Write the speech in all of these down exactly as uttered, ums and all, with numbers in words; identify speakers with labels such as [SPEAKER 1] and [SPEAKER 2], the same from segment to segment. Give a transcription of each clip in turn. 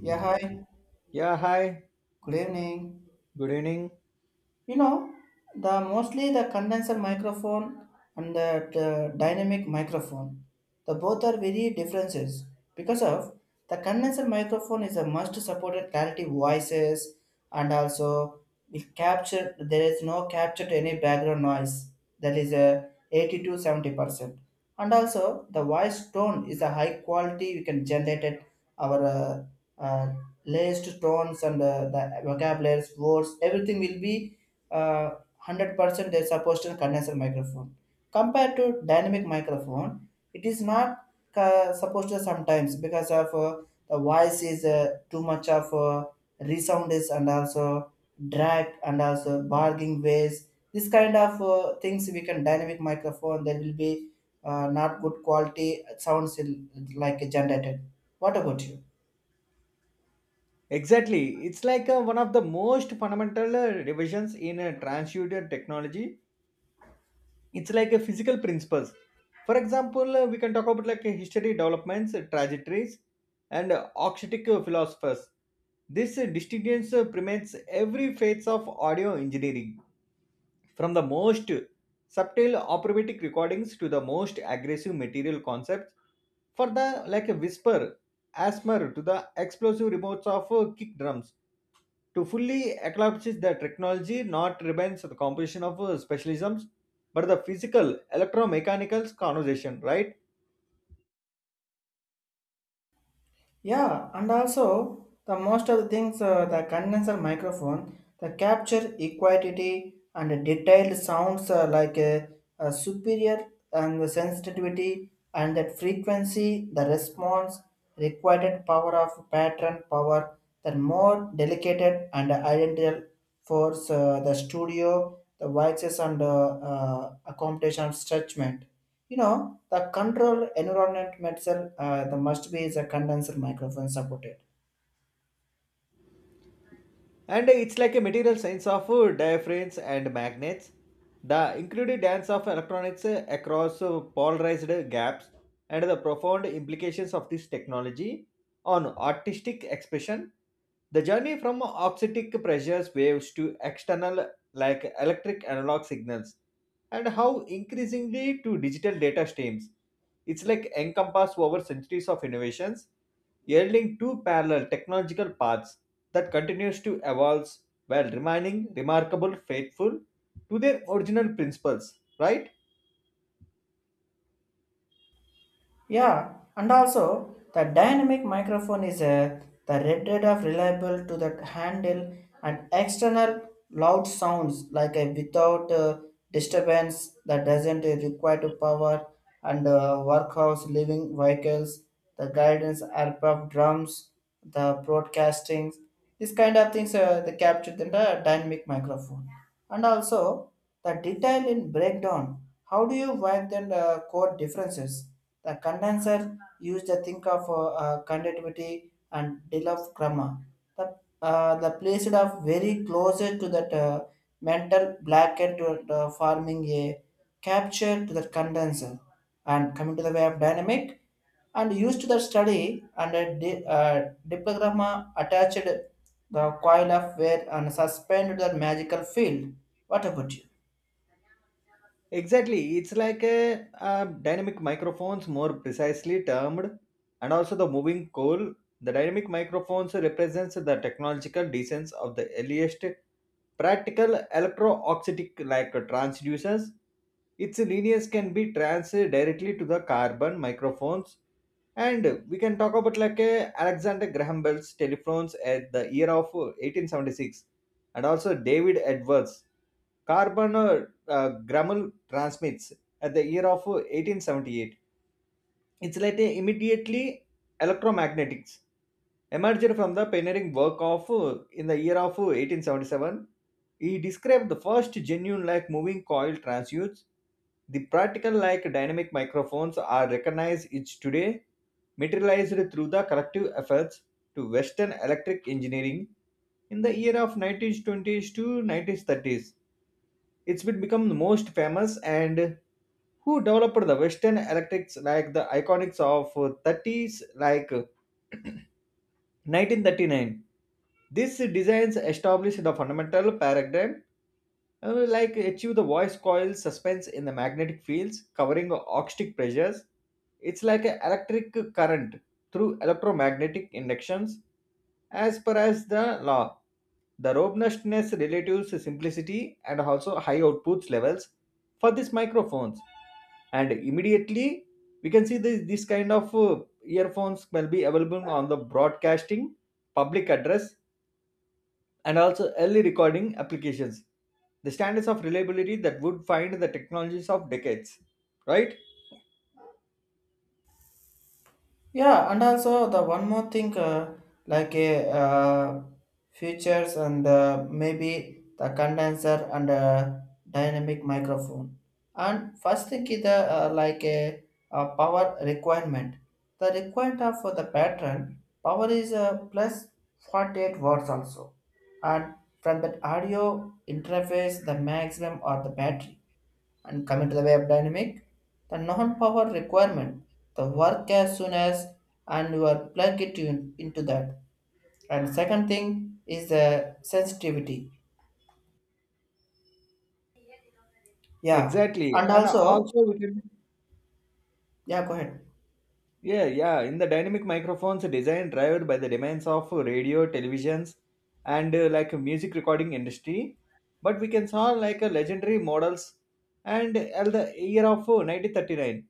[SPEAKER 1] Yeah, hi.
[SPEAKER 2] Yeah, hi.
[SPEAKER 1] Good evening,
[SPEAKER 2] Good evening.
[SPEAKER 1] you know the mostly the condenser microphone and the, the dynamic microphone, the both are very differences, because of the condenser microphone is a must supported clarity voices, and also it capture, there is no capture to any background noise, that is a eighty to seventy percent. And also the voice tone is a high quality we can generate it, our uh, uh, laced tones and uh, the vocabularies words everything will be uh, one hundred percent they supposed to condenser microphone. Compared to dynamic microphone, it is not uh, supposed to sometimes, because of uh, the voice is uh, too much of uh, resound is, and also drag and also barging ways. This kind of uh, things we can dynamic microphone. There will be uh, not good quality sounds in, like generated. What about you?
[SPEAKER 2] Exactly. It's like uh, one of the most fundamental uh, revisions in uh, transducer technology. It's like a physical principles. For example, uh, we can talk about like uh, history developments, uh, trajectories, and uh, architectic uh, philosophers. This uh, distinguishes uh, permeates every phase of audio engineering. From the most subtle operatic recordings to the most aggressive material concepts, for the like a whisper, asthma to the explosive remotes of uh, kick drums, to fully eclipses the technology not remains the composition of uh, specialisms, but the physical electromechanicals conversation, right?
[SPEAKER 1] Yeah, and also the most of the things, uh, the condenser microphone the capture equality and detailed sounds uh, like a, a superior and the sensitivity and that frequency the response, required power of pattern power, the more delicate and identical force uh, the studio the voices and uh, uh, accommodation stretchment. You know, the control environment metal, uh, the must be is a condenser microphone supported.
[SPEAKER 2] And it's like a material science of uh, diaphragms and magnets. The included dance of electrons uh, across uh, polarized gaps and the profound implications of this technology on artistic expression. The journey from oxidic pressures waves to external like electric analog signals and how increasingly to digital data streams. It's like encompass over centuries of innovations, yielding two parallel technological paths that continues to evolve while remaining remarkable faithful to their original principles, right?
[SPEAKER 1] Yeah, and also the dynamic microphone is a the rated of reliable to the handle and external loud sounds like a without uh, disturbance, that doesn't require to power and uh, workhouse living vehicles, the guidance aircraft drums, the broadcasting, this kind of things, uh, they captured in the dynamic microphone. And also the detail in breakdown, how do you wipe the uh, core differences? The condenser used the think of uh, uh, conductivity and deal of grammar, the uh, the placed of very closer to that uh, mental blanket to, to forming a capture to the condenser. And coming to the way of dynamic, and used to the study and a di- uh, diplogramma attached the coil of wire and suspended the magical field. What about you?
[SPEAKER 2] Exactly. It's like a, uh dynamic microphones, more precisely termed, and also the moving coal. The dynamic microphones represents the technological decence of the earliest practical electro-oxidic like transducers. Its linears can be trans directly to the carbon microphones. And we can talk about like uh, Alexander Graham Bell's telephones at the year of uh, eighteen seventy-six, and also David Edwards carbon uh, uh, Grammel transmits at the year of uh, eighteen seventy-eight. It's like a immediately electromagnetics emerged from the pioneering work of uh, in the year of uh, eighteen seventy-seven, he described the first genuine like moving coil transducers. The practical like dynamic microphones are recognized each today, materialized through the collective efforts to Western electric engineering in the year of nineteen twenties to nineteen thirties. It's been become the most famous and who developed the Western electrics like the iconics of uh, thirties like uh, nineteen thirty-nine. These designs establish the fundamental paradigm, uh, like achieve the voice coil suspense in the magnetic fields covering acoustic pressures. It's like an electric current through electromagnetic inductions, as per as the law. The robustness relatives simplicity and also high outputs levels for these microphones. And immediately we can see this, this kind of uh, earphones will be available on the broadcasting, public address, and also early recording applications, the standards of reliability that would find the technologies of decades, right?
[SPEAKER 1] Yeah, and also the one more thing, uh, like a uh, features and uh, maybe the condenser and uh, dynamic microphone. And first thing is the uh, like a, a power requirement. The requirement of for the pattern power is uh, plus forty-eight watts also, and from that audio interface the maximum or the battery. And coming to the web dynamic, the non-power requirement, the work as soon as and you are plug it in, into that. And second thing is the sensitivity. Yeah.
[SPEAKER 2] Exactly.
[SPEAKER 1] And
[SPEAKER 2] And
[SPEAKER 1] also,
[SPEAKER 2] also, we can,
[SPEAKER 1] yeah, go ahead.
[SPEAKER 2] yeah, yeah, in the dynamic microphones designed driven by the demands of radio, televisions, and uh, like music recording industry. But we can saw like a legendary models and at the year of uh, nineteen thirty-nine.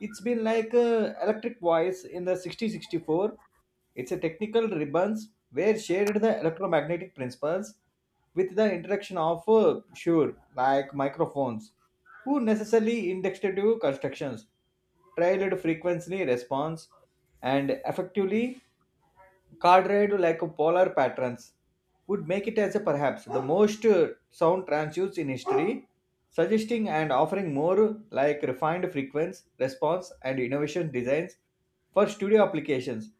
[SPEAKER 2] It's been like uh, electric voice in the sixty sixty-four. It's a technical ribbons where shared the electromagnetic principles with the interaction of uh, sure like microphones who necessarily indexative constructions, trailed frequency response and effectively cardioid like polar patterns would make it as a perhaps the most uh, sound transduced in history, suggesting and offering more like refined frequency response and innovation designs for studio applications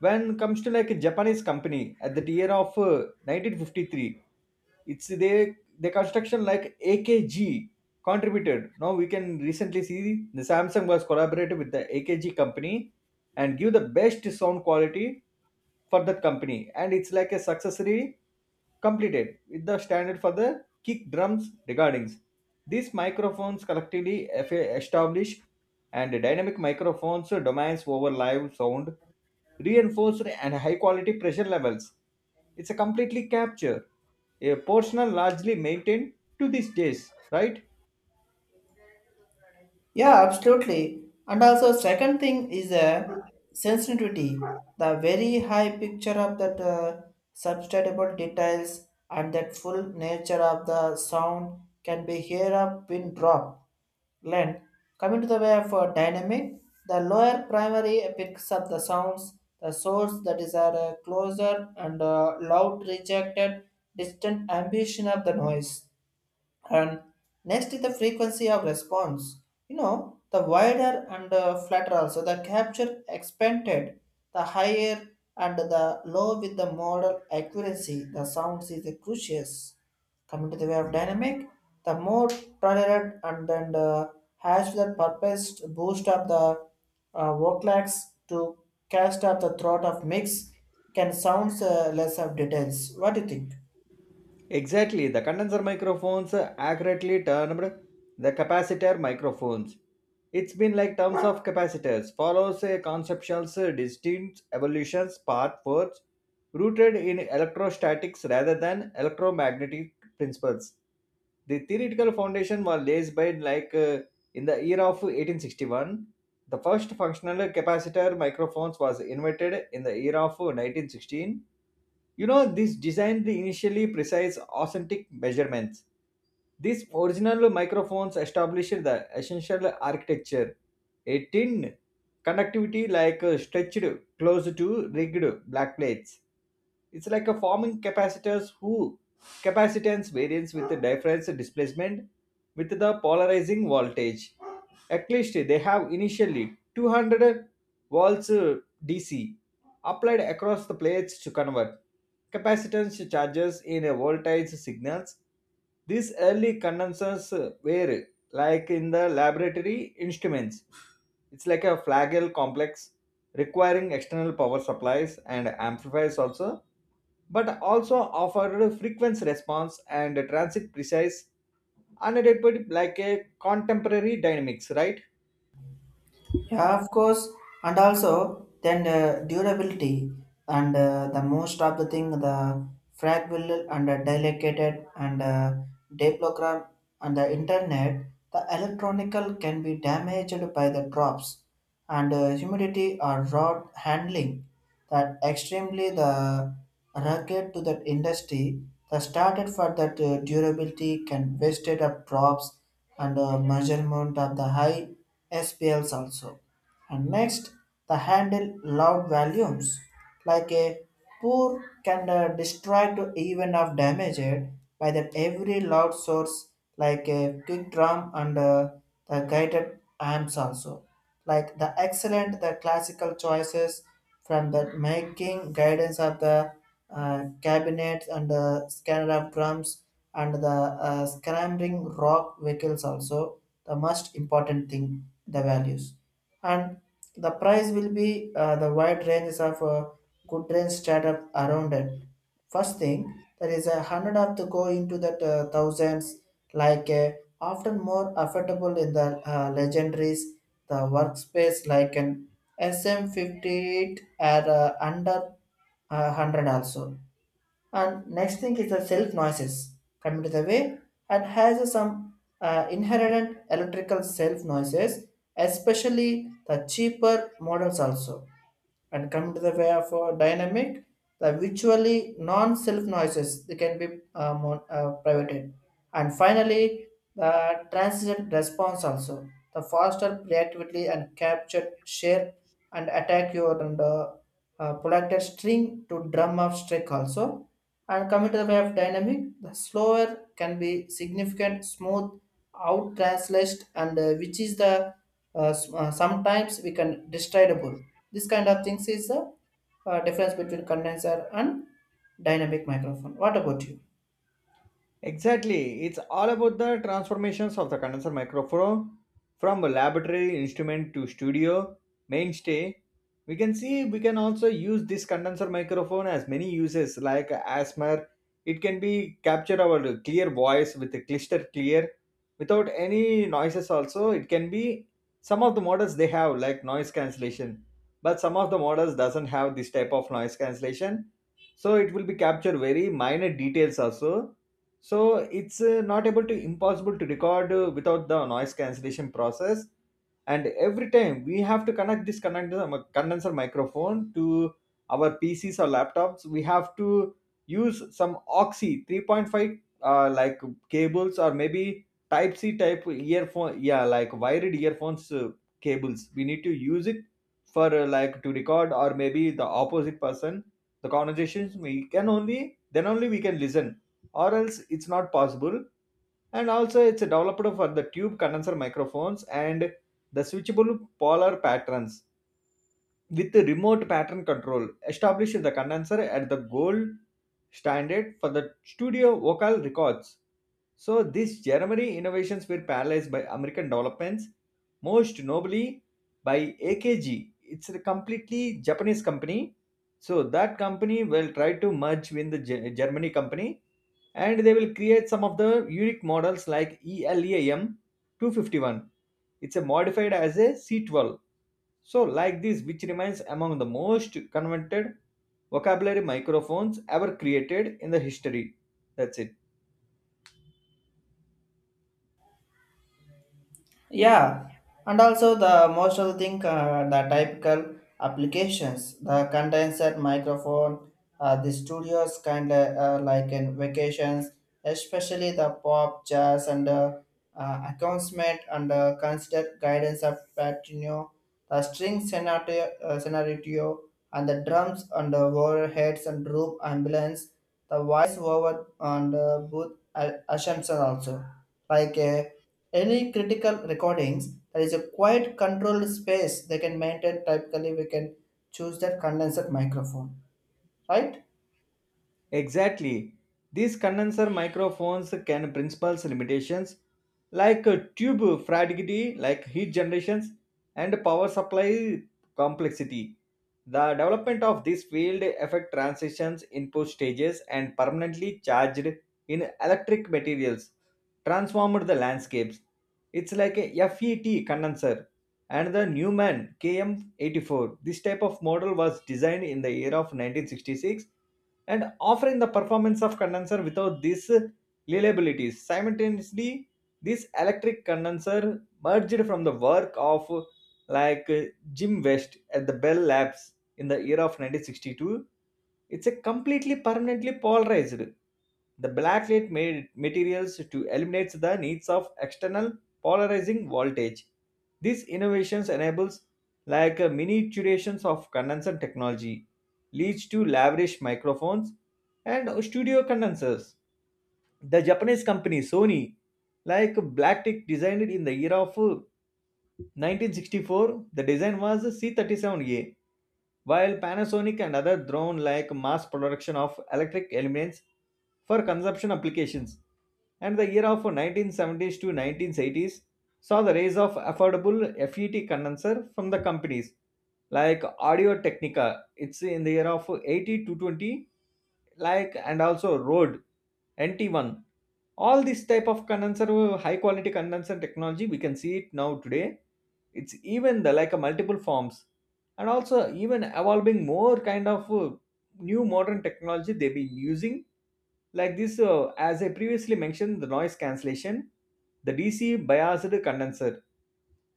[SPEAKER 2] when comes to like a Japanese company at the year of uh, nineteen fifty-three. It's they the construction like AKG contributed. Now we can recently see the Samsung was collaborated with the AKG company and give the best sound quality for that company, and it's like a successory completed with the standard for the kick drums recordings. These microphones collectively eff- established and dynamic microphones domains over live sound, reinforced and high quality pressure levels. It's a completely capture, a portion largely maintained to these days, right?
[SPEAKER 1] Yeah, absolutely. And also, second thing is a sensitivity, the very high picture of that uh, substantial details, and that full nature of the sound can be here a pin drop length. Coming to the way of uh, dynamic, the lower primary picks up the sounds, the source that is are uh, closer and uh, loud rejected distant ambition of the noise. And next is the frequency of response. You know, the wider and uh, flatter also the capture expanded, the higher and the low with the model accuracy. The sounds is the crucial. Coming to the way of dynamic, the more tolerant and then uh, has the purpose to boost up the uh, vocalax to cast up the throat of mix, can sounds uh, less of details. What do you think?
[SPEAKER 2] Exactly, the condenser microphones accurately termed the capacitor microphones. It's been like terms of capacitors, follows a conceptual distinct evolution path forth rooted in electrostatics rather than electromagnetic principles. The theoretical foundation was laid by like uh, in the year of eighteen sixty-one. The first functional capacitor microphones was invented in the year of nineteen sixteen. You know this designed the initially precise authentic measurements. These original microphones established the essential architecture, a tin conductivity like uh, stretched close to rigged black plates. It's like a forming capacitors who capacitance variance with the difference displacement with the polarizing voltage. At least they have initially two hundred volts uh, D C applied across the plates to convert capacitance charges in a voltage signals. These early condensers were like in the laboratory instruments. It's like a flagell complex, requiring external power supplies and amplifiers also, but also offered frequency response and transit precise unadequate like a contemporary dynamics, right?
[SPEAKER 1] Yeah, of course, and also then uh, durability, and uh, the most of the thing, the fragile and uh, delicate and uh, diplogram and the internet, the electronical can be damaged by the drops and uh, humidity or rod handling, that extremely the rugged to that industry, the started for that uh, durability can wasted up drops and uh, measurement of the high S P Ls also. And next, the handle loud volumes, like a pour can uh, destroy to even of damaged by the every loud source like a kick drum and uh, the guided amps also. Like the excellent the classical choices from the making guidance of the uh, cabinets and the scanner of drums and the uh, scrambling rock vehicles also. The most important thing, the values and the price will be uh, the wide ranges of uh, good range startup around it. First thing, there is a hundred of to go into that uh, thousands, like uh, often more affordable in the uh, legendaries, the workspace like an S M fifty-eight are uh, under uh, one hundred also. And next thing is the self noises. Coming to the way, and has some uh, inherent electrical self noises, especially the cheaper models also. And come to the way of uh, dynamic, the virtually non-self noises they can be uh, mon- uh, privated. And finally, the transient response also, the faster reactively and captured share and attack your, and uh, uh, politer string to drum up strike also. And coming to the way of dynamic, the slower can be significant smooth out translate, and uh, which is the uh, s- uh, sometimes we can destroy the book. This kind of things is the uh, difference between condenser and dynamic microphone. What about you?
[SPEAKER 2] Exactly. It's all about the transformations of the condenser microphone from a laboratory instrument to studio mainstay. We can see we can also use this condenser microphone as many uses like asthma. It can be capture our clear voice with a cluster clear without any noises also. It can be some of the models they have like noise cancellation, but some of the models doesn't have this type of noise cancellation. So it will be capture very minor details also, so it's uh, not able to impossible to record uh, without the noise cancellation process. And every time we have to connect this condenser, condenser microphone to our PCs or laptops, we have to use some oxy three point five uh, like cables, or maybe type c type earphone, yeah, like wired earphones uh, cables, we need to use it for uh, like to record, or maybe the opposite person the conversations we can, only then only we can listen, or else it's not possible. And also, it's developed for the tube condenser microphones and the switchable polar patterns with the remote pattern control established the condenser at the gold standard for the studio vocal records. So these Germany innovations were parallelized by American developments, most notably by A K G. It's a completely Japanese company. So that company will try to merge with the Ge- Germany company and they will create some of the unique models like ELEAM two five one. It's a modified as a C twelve. So like this, which remains among the most coveted vocabulary microphones ever created in the history. That's it.
[SPEAKER 1] Yeah, and also the most of the thing, uh, the typical applications, the condenser microphone, uh, the studios kind of uh, like in vacations, especially the pop, jazz, and uh, uh, accompaniment and uh, consider guidance of Patino, the string scenario, uh, scenario and the drums and the warheads and rope ambulance, the voice over and uh, booth a- assumption also. Like uh, any critical recordings, there is a quite controlled space they can maintain. Typically, we can choose that condenser microphone, right?
[SPEAKER 2] Exactly. These condenser microphones can principles limitations like uh, tube fragility, like heat generations, and power supply complexity. The development of this field affect transitions, input stages, and permanently charged in electric materials, transformed the landscapes. It's like a F E T condenser and the Newman K M eighty-four. This type of model was designed in the year of nineteen sixty-six and offering the performance of condenser without these reliabilities. Simultaneously, this electric condenser merged from the work of like Jim West at the Bell Labs in the year of nineteen sixty-two. It's a completely permanently polarized. The blacklit made materials to eliminate the needs of external polarizing voltage. These innovations enables like miniaturizations of condenser technology leads to lavish microphones and studio condensers. The Japanese company Sony, like Blacktick, designed it in the year of nineteen sixty-four. The design was C thirty-seven A, while Panasonic and other drone like mass production of electric elements for consumption applications. And the year of nineteen seventies to nineteen eighties saw the rise of affordable F E T condenser from the companies like Audio Technica. It's in the year of eighty to twenty, like, and also Rode N T one. All this type of condenser, high quality condenser technology, we can see it now today. It's even the like a multiple forms, and also even evolving more kind of uh, new modern technology they've been using, like this. Uh, as I previously mentioned, the noise cancellation, the D C biased condenser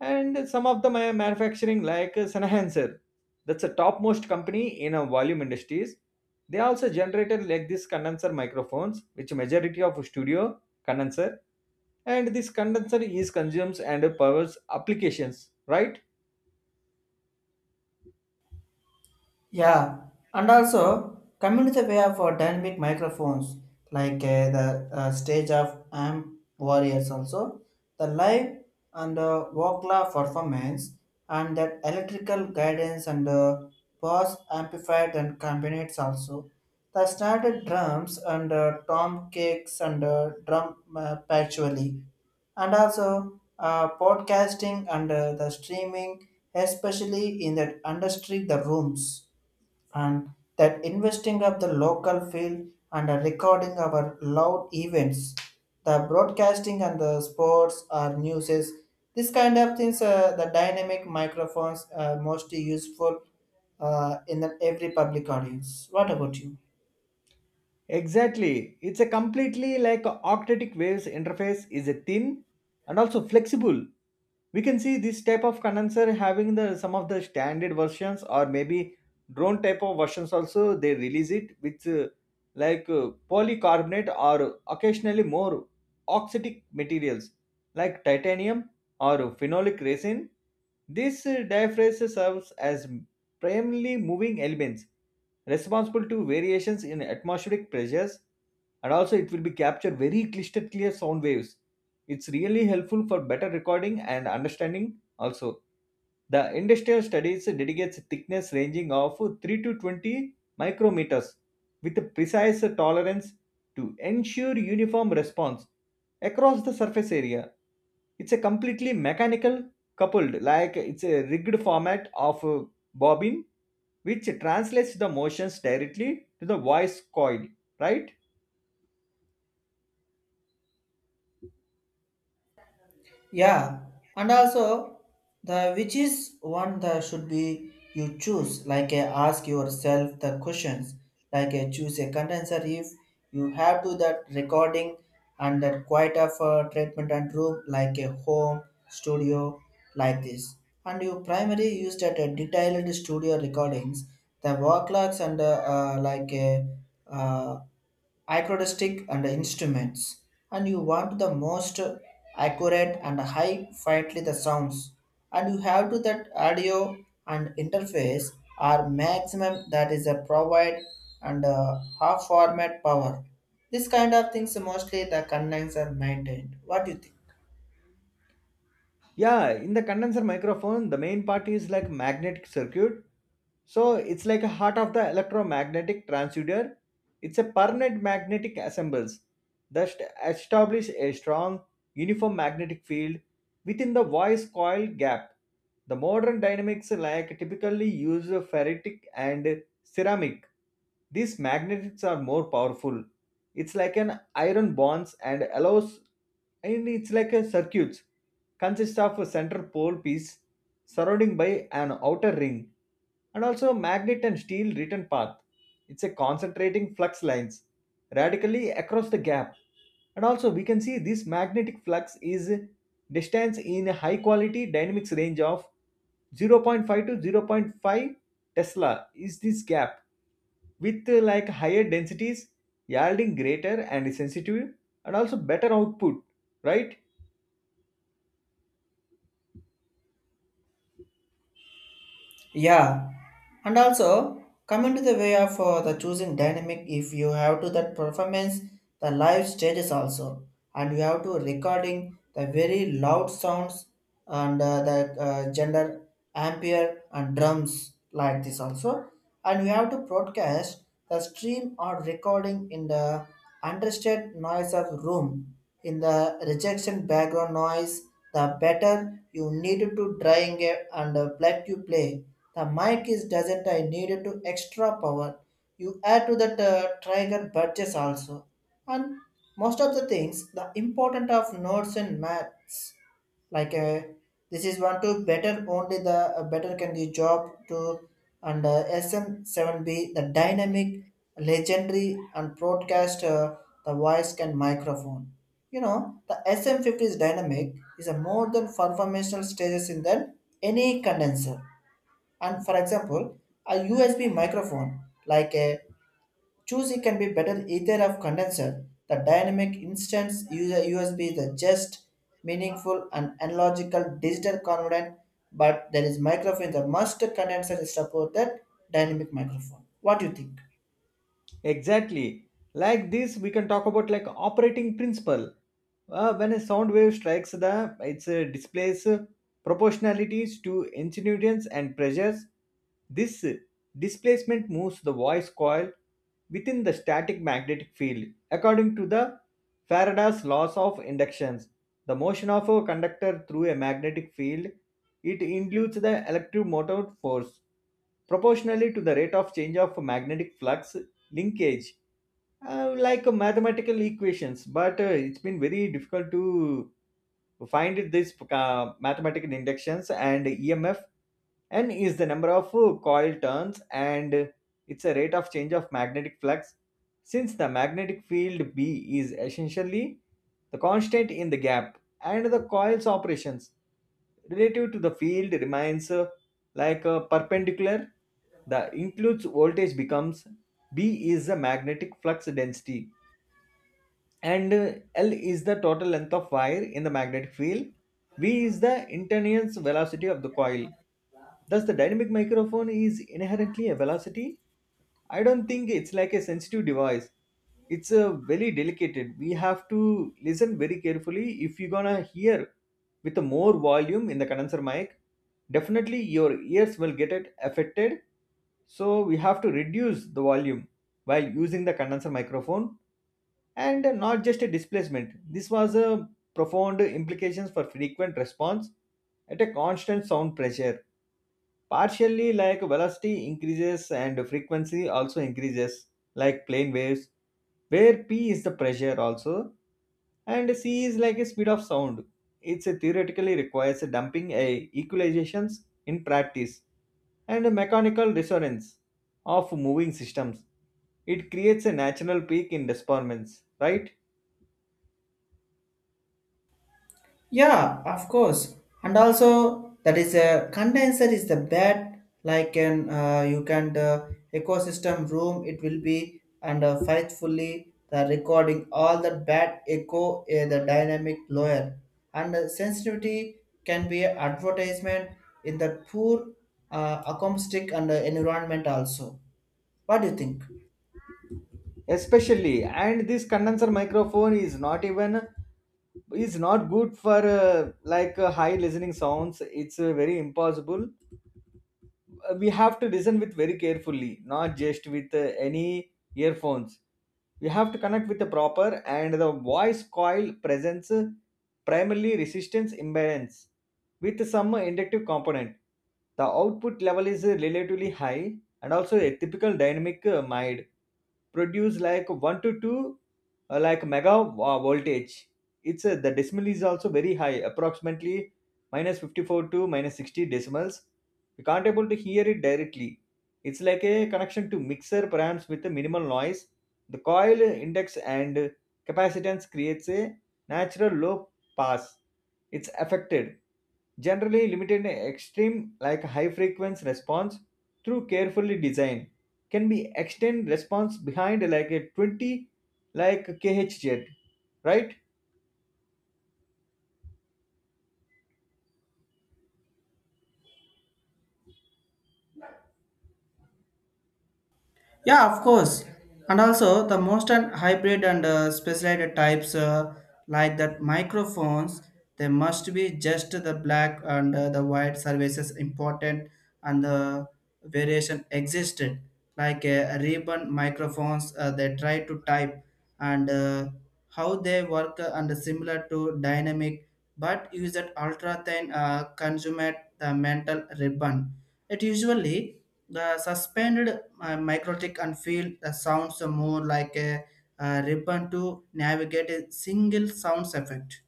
[SPEAKER 2] and some of the ma- manufacturing like uh, Sennheiser, that's a topmost company in a volume industries. They also generated like this condenser microphones, which majority of studio condenser, and this condenser is consumes and powers applications, right?
[SPEAKER 1] Yeah, and also community way of uh, dynamic microphones, like uh, the uh, stage of amp warriors also, the live and uh, vocala performance, and that electrical guidance and uh, bass amplified and combinates also, the started drums and uh, tom kicks and uh, drum uh, patchouli, and also uh, podcasting and uh, the streaming, especially in that industry the rooms, and that investing of the local field and a recording of our loud events, the broadcasting and the sports or newses, this kind of things, uh, the dynamic microphones are most useful uh, in the every public audience. What about you?
[SPEAKER 2] Exactly. It's a completely like octetic waves interface is a thin and also flexible. We can see this type of condenser having the some of the standard versions or maybe drone type of versions also they release it with uh, like uh, polycarbonate or occasionally more oxidic materials like titanium or phenolic resin. This uh, diaphragms serves as primarily moving elements responsible to variations in atmospheric pressures, and also it will be captured very crystal clear sound waves. It's really helpful for better recording and understanding also. The industrial studies dedicates thickness ranging of three to twenty micrometers with a precise tolerance to ensure uniform response across the surface area. It's a completely mechanical coupled, like it's a rigged format of a bobbin which translates the motions directly to the voice coil, right?
[SPEAKER 1] Yeah, and also the which is one that should be you choose. Like uh, ask yourself the questions. Like uh, choose a condenser if you have to that recording and that quite of uh, treatment and room like a home studio like this. And you primarily used at a detailed studio recordings, the work logs and uh, uh, like a uh, acoustic and instruments, and you want the most accurate and high fidelity the sounds, and you have to that audio and interface are maximum that is a provide and uh, half format power. This kind of things mostly the connects are maintained. What do you think?
[SPEAKER 2] Yeah, in the condenser microphone the main part is like magnetic circuit, so it's like a heart of the electromagnetic transducer. It's a permanent magnetic assembles that st- establish a strong uniform magnetic field within the voice coil gap. The modern dynamics like typically use ferritic and ceramic. These magnets are more powerful. It's like an iron bonds and allows, and it's like a circuits consists of a center pole piece, surrounding by an outer ring, and also a magnet and steel return path. It's a concentrating flux lines radically across the gap. And also we can see this magnetic flux is distance in a high quality dynamics range of zero point 0.5 to zero point 0.5 Tesla is this gap with uh, like higher densities yielding greater and sensitive and also better output, right?
[SPEAKER 1] Yeah, and also coming to the way of uh, the choosing dynamic, if you have to that performance, the live stages also, and you have to recording the very loud sounds and uh, the uh, gender ampere and drums like this also, and you have to broadcast the stream or recording in the understated noise of room in the rejection background noise, the better you need to drawing and uh, play to play. The mic is doesn't I needed to extra power. You add to that uh, trigger purchase also. And most of the things, the important of notes and maths, like uh, this is one to better only the uh, better can be job to. And uh, S M seven B the dynamic, legendary and broadcast uh, the voice can microphone. You know the S M fifty's dynamic is a more than conformational stages in than any condenser. And for example, a usb microphone like a choosy can be better either of condenser, the dynamic instance user usb is the just meaningful and analogical digital converter. But there is microphone the must condenser is support that dynamic microphone. What do you think?
[SPEAKER 2] Exactly. Like this, we can talk about like operating principle. Uh, when a sound wave strikes the, it's uh, displays uh, proportionalities to incidence and pressures. This uh, Displacement moves the voice coil within the static magnetic field. According to the Faraday's laws of inductions, the motion of a conductor through a magnetic field, it includes the electromotive force proportionally to the rate of change of magnetic flux linkage uh, like uh, mathematical equations, but uh, it's been very difficult to we find this uh, mathematical inductions and E M F. N is the number of uh, coil turns and it's a rate of change of magnetic flux. Since the magnetic field B is essentially the constant in the gap and the coil's operations relative to the field remains uh, like a perpendicular, the includes voltage becomes b is the magnetic flux density and uh, L is the total length of wire in the magnetic field. V is the internal velocity of the coil. Thus, the dynamic microphone is inherently a velocity? I don't think it's like a sensitive device. It's a very delicate. We have to listen very carefully if you're gonna hear with a more volume in the condenser mic. Definitely your ears will get it affected. So we have to reduce the volume while using the condenser microphone and not just a displacement. This was a profound implications for frequent response at a constant sound pressure. Partially, like velocity increases and frequency also increases, like plane waves, where p is the pressure also, and c is like a speed of sound. It's a theoretically requires a dumping a equalizations in practice and a mechanical resonance of moving systems. It creates a natural peak in disperments, right?
[SPEAKER 1] Yeah, of course. And also, that is a condenser is the bed like an uh, you can the ecosystem room. It will be and uh, faithfully the recording all the bad echo uh, the dynamic layer and uh, sensitivity can be an advertisement in the poor uh, acoustic and uh, environment also. What do you think?
[SPEAKER 2] Especially, and this condenser microphone is not even, is not good for uh, like uh, high listening sounds. It's uh, very impossible. Uh, we have to listen with very carefully, not just with uh, any earphones. We have to connect with the proper, and the voice coil presents uh, primarily resistance imbalance with some inductive component. The output level is uh, relatively high, and also a typical dynamic uh, mide produce like one to two uh, like mega uh, voltage. It's uh, the decimal is also very high, approximately minus fifty-four to minus sixty decimals. We can't able to hear it directly. It's like a connection to mixer perhaps with a minimal noise. The coil index and capacitance creates a natural low pass. It's affected, generally limited extreme like high frequency response. Through carefully design, can be extend response behind like a twenty like khz, right?
[SPEAKER 1] Yeah, of course. And also the most and hybrid and uh, specialized types, uh, like that microphones, they must be just the black and uh, the white services important and the variation existed. Like uh, ribbon microphones, uh, they try to type and uh, how they work, uh, and similar to dynamic, but use that ultra thin uh, consummate the mental ribbon. It usually the suspended uh, microtic and feel the sounds are more like a, uh ribbon to navigate a single sounds effect,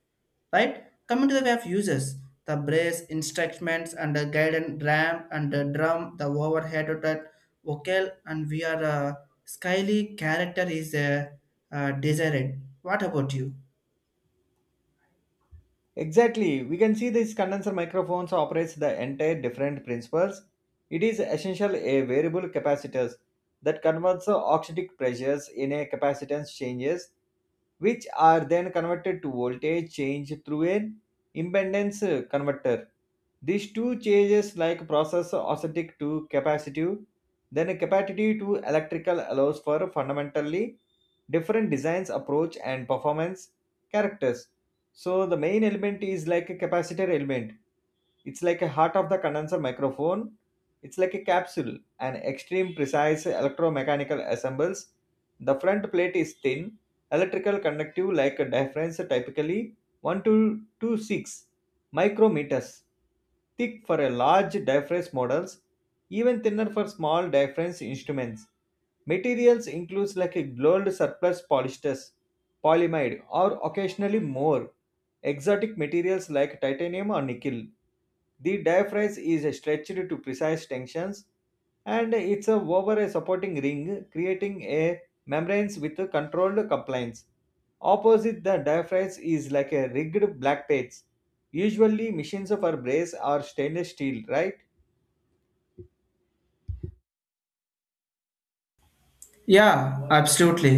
[SPEAKER 1] right? Coming to the way of uses, the brace instruments and the guidance ramp and the drum, the overhead of that vocal, and we are uh, skyly character is uh, uh, desired. What about you?
[SPEAKER 2] Exactly. We can see these condenser microphones operates the entire different principles. It is essential a variable capacitors that converts the oxidic pressures in a capacitance changes, which are then converted to voltage change through an impedance uh, converter. These two changes like process oscillatic to capacitive, then capacitive to electrical allows for fundamentally different designs approach and performance characters. So the main element is like a capacitor element. It's like a heart of the condenser microphone. It's like a capsule, an extreme precise electromechanical assembles. The front plate is thin, electrical conductive like a difference typically one to two six micrometers. Thick for a large difference models, even thinner for small difference instruments. Materials includes like a gold surplus polysters, polyamide, or occasionally more exotic materials like titanium or nickel. The diaphragm is stretched to precise tensions and it's a over a supporting ring, creating a membrane with a controlled compliance. Opposite the diaphragm is like a rigged black plates, usually machines of our brace or stainless steel, right?
[SPEAKER 1] Yeah, absolutely.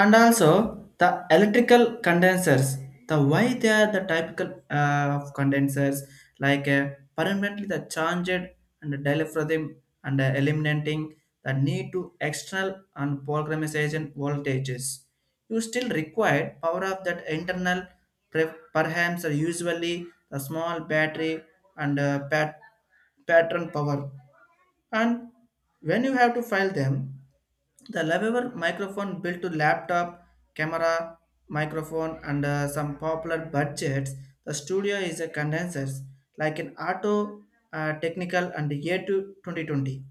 [SPEAKER 1] And also the electrical condensers, the why they are the typical uh, of condensers, like uh, permanently the charged and the diaphragm and uh, eliminating the need to external and programmation voltages. You still require power of that internal pre- perhaps are usually the small battery and uh, pat- pattern power. And when you have to file them, the lavable microphone built to laptop, camera, microphone, and uh, some popular budgets, the studio is a condenser like an auto uh, technical and year to twenty twenty.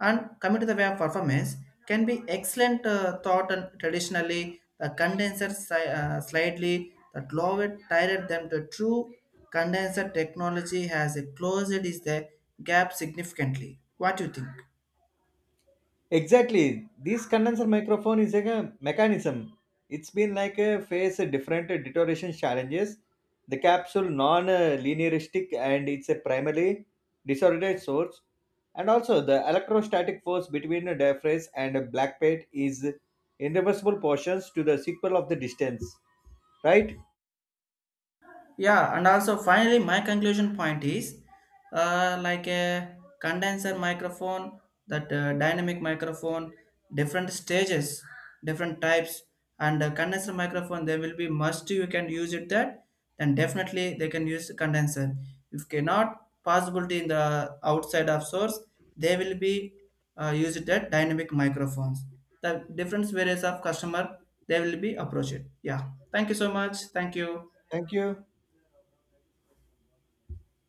[SPEAKER 1] And coming to the way of performance, can be excellent uh, thought, and traditionally the condenser si- uh, slightly that lower tighter than the true condenser technology has a closed is the gap significantly. What do you think?
[SPEAKER 2] Exactly. This condenser microphone is like a mechanism. It's been like a face a different deterioration challenges. The capsule non-linearistic and it's a primarily disordered source. And also the electrostatic force between the diaphragm and a black plate is irreversible portions to the sequel of the distance. Right?
[SPEAKER 1] Yeah, and also finally my conclusion point is, uh, like a condenser microphone, that uh, dynamic microphone, different stages, different types, and uh, condenser microphone there will be must you can use it that, then definitely they can use condenser. If cannot possibility in the outside of source, they will be uh, used that dynamic microphones, the different various of customer, they will be approach it. Yeah, thank you so much, thank you.
[SPEAKER 2] Thank you.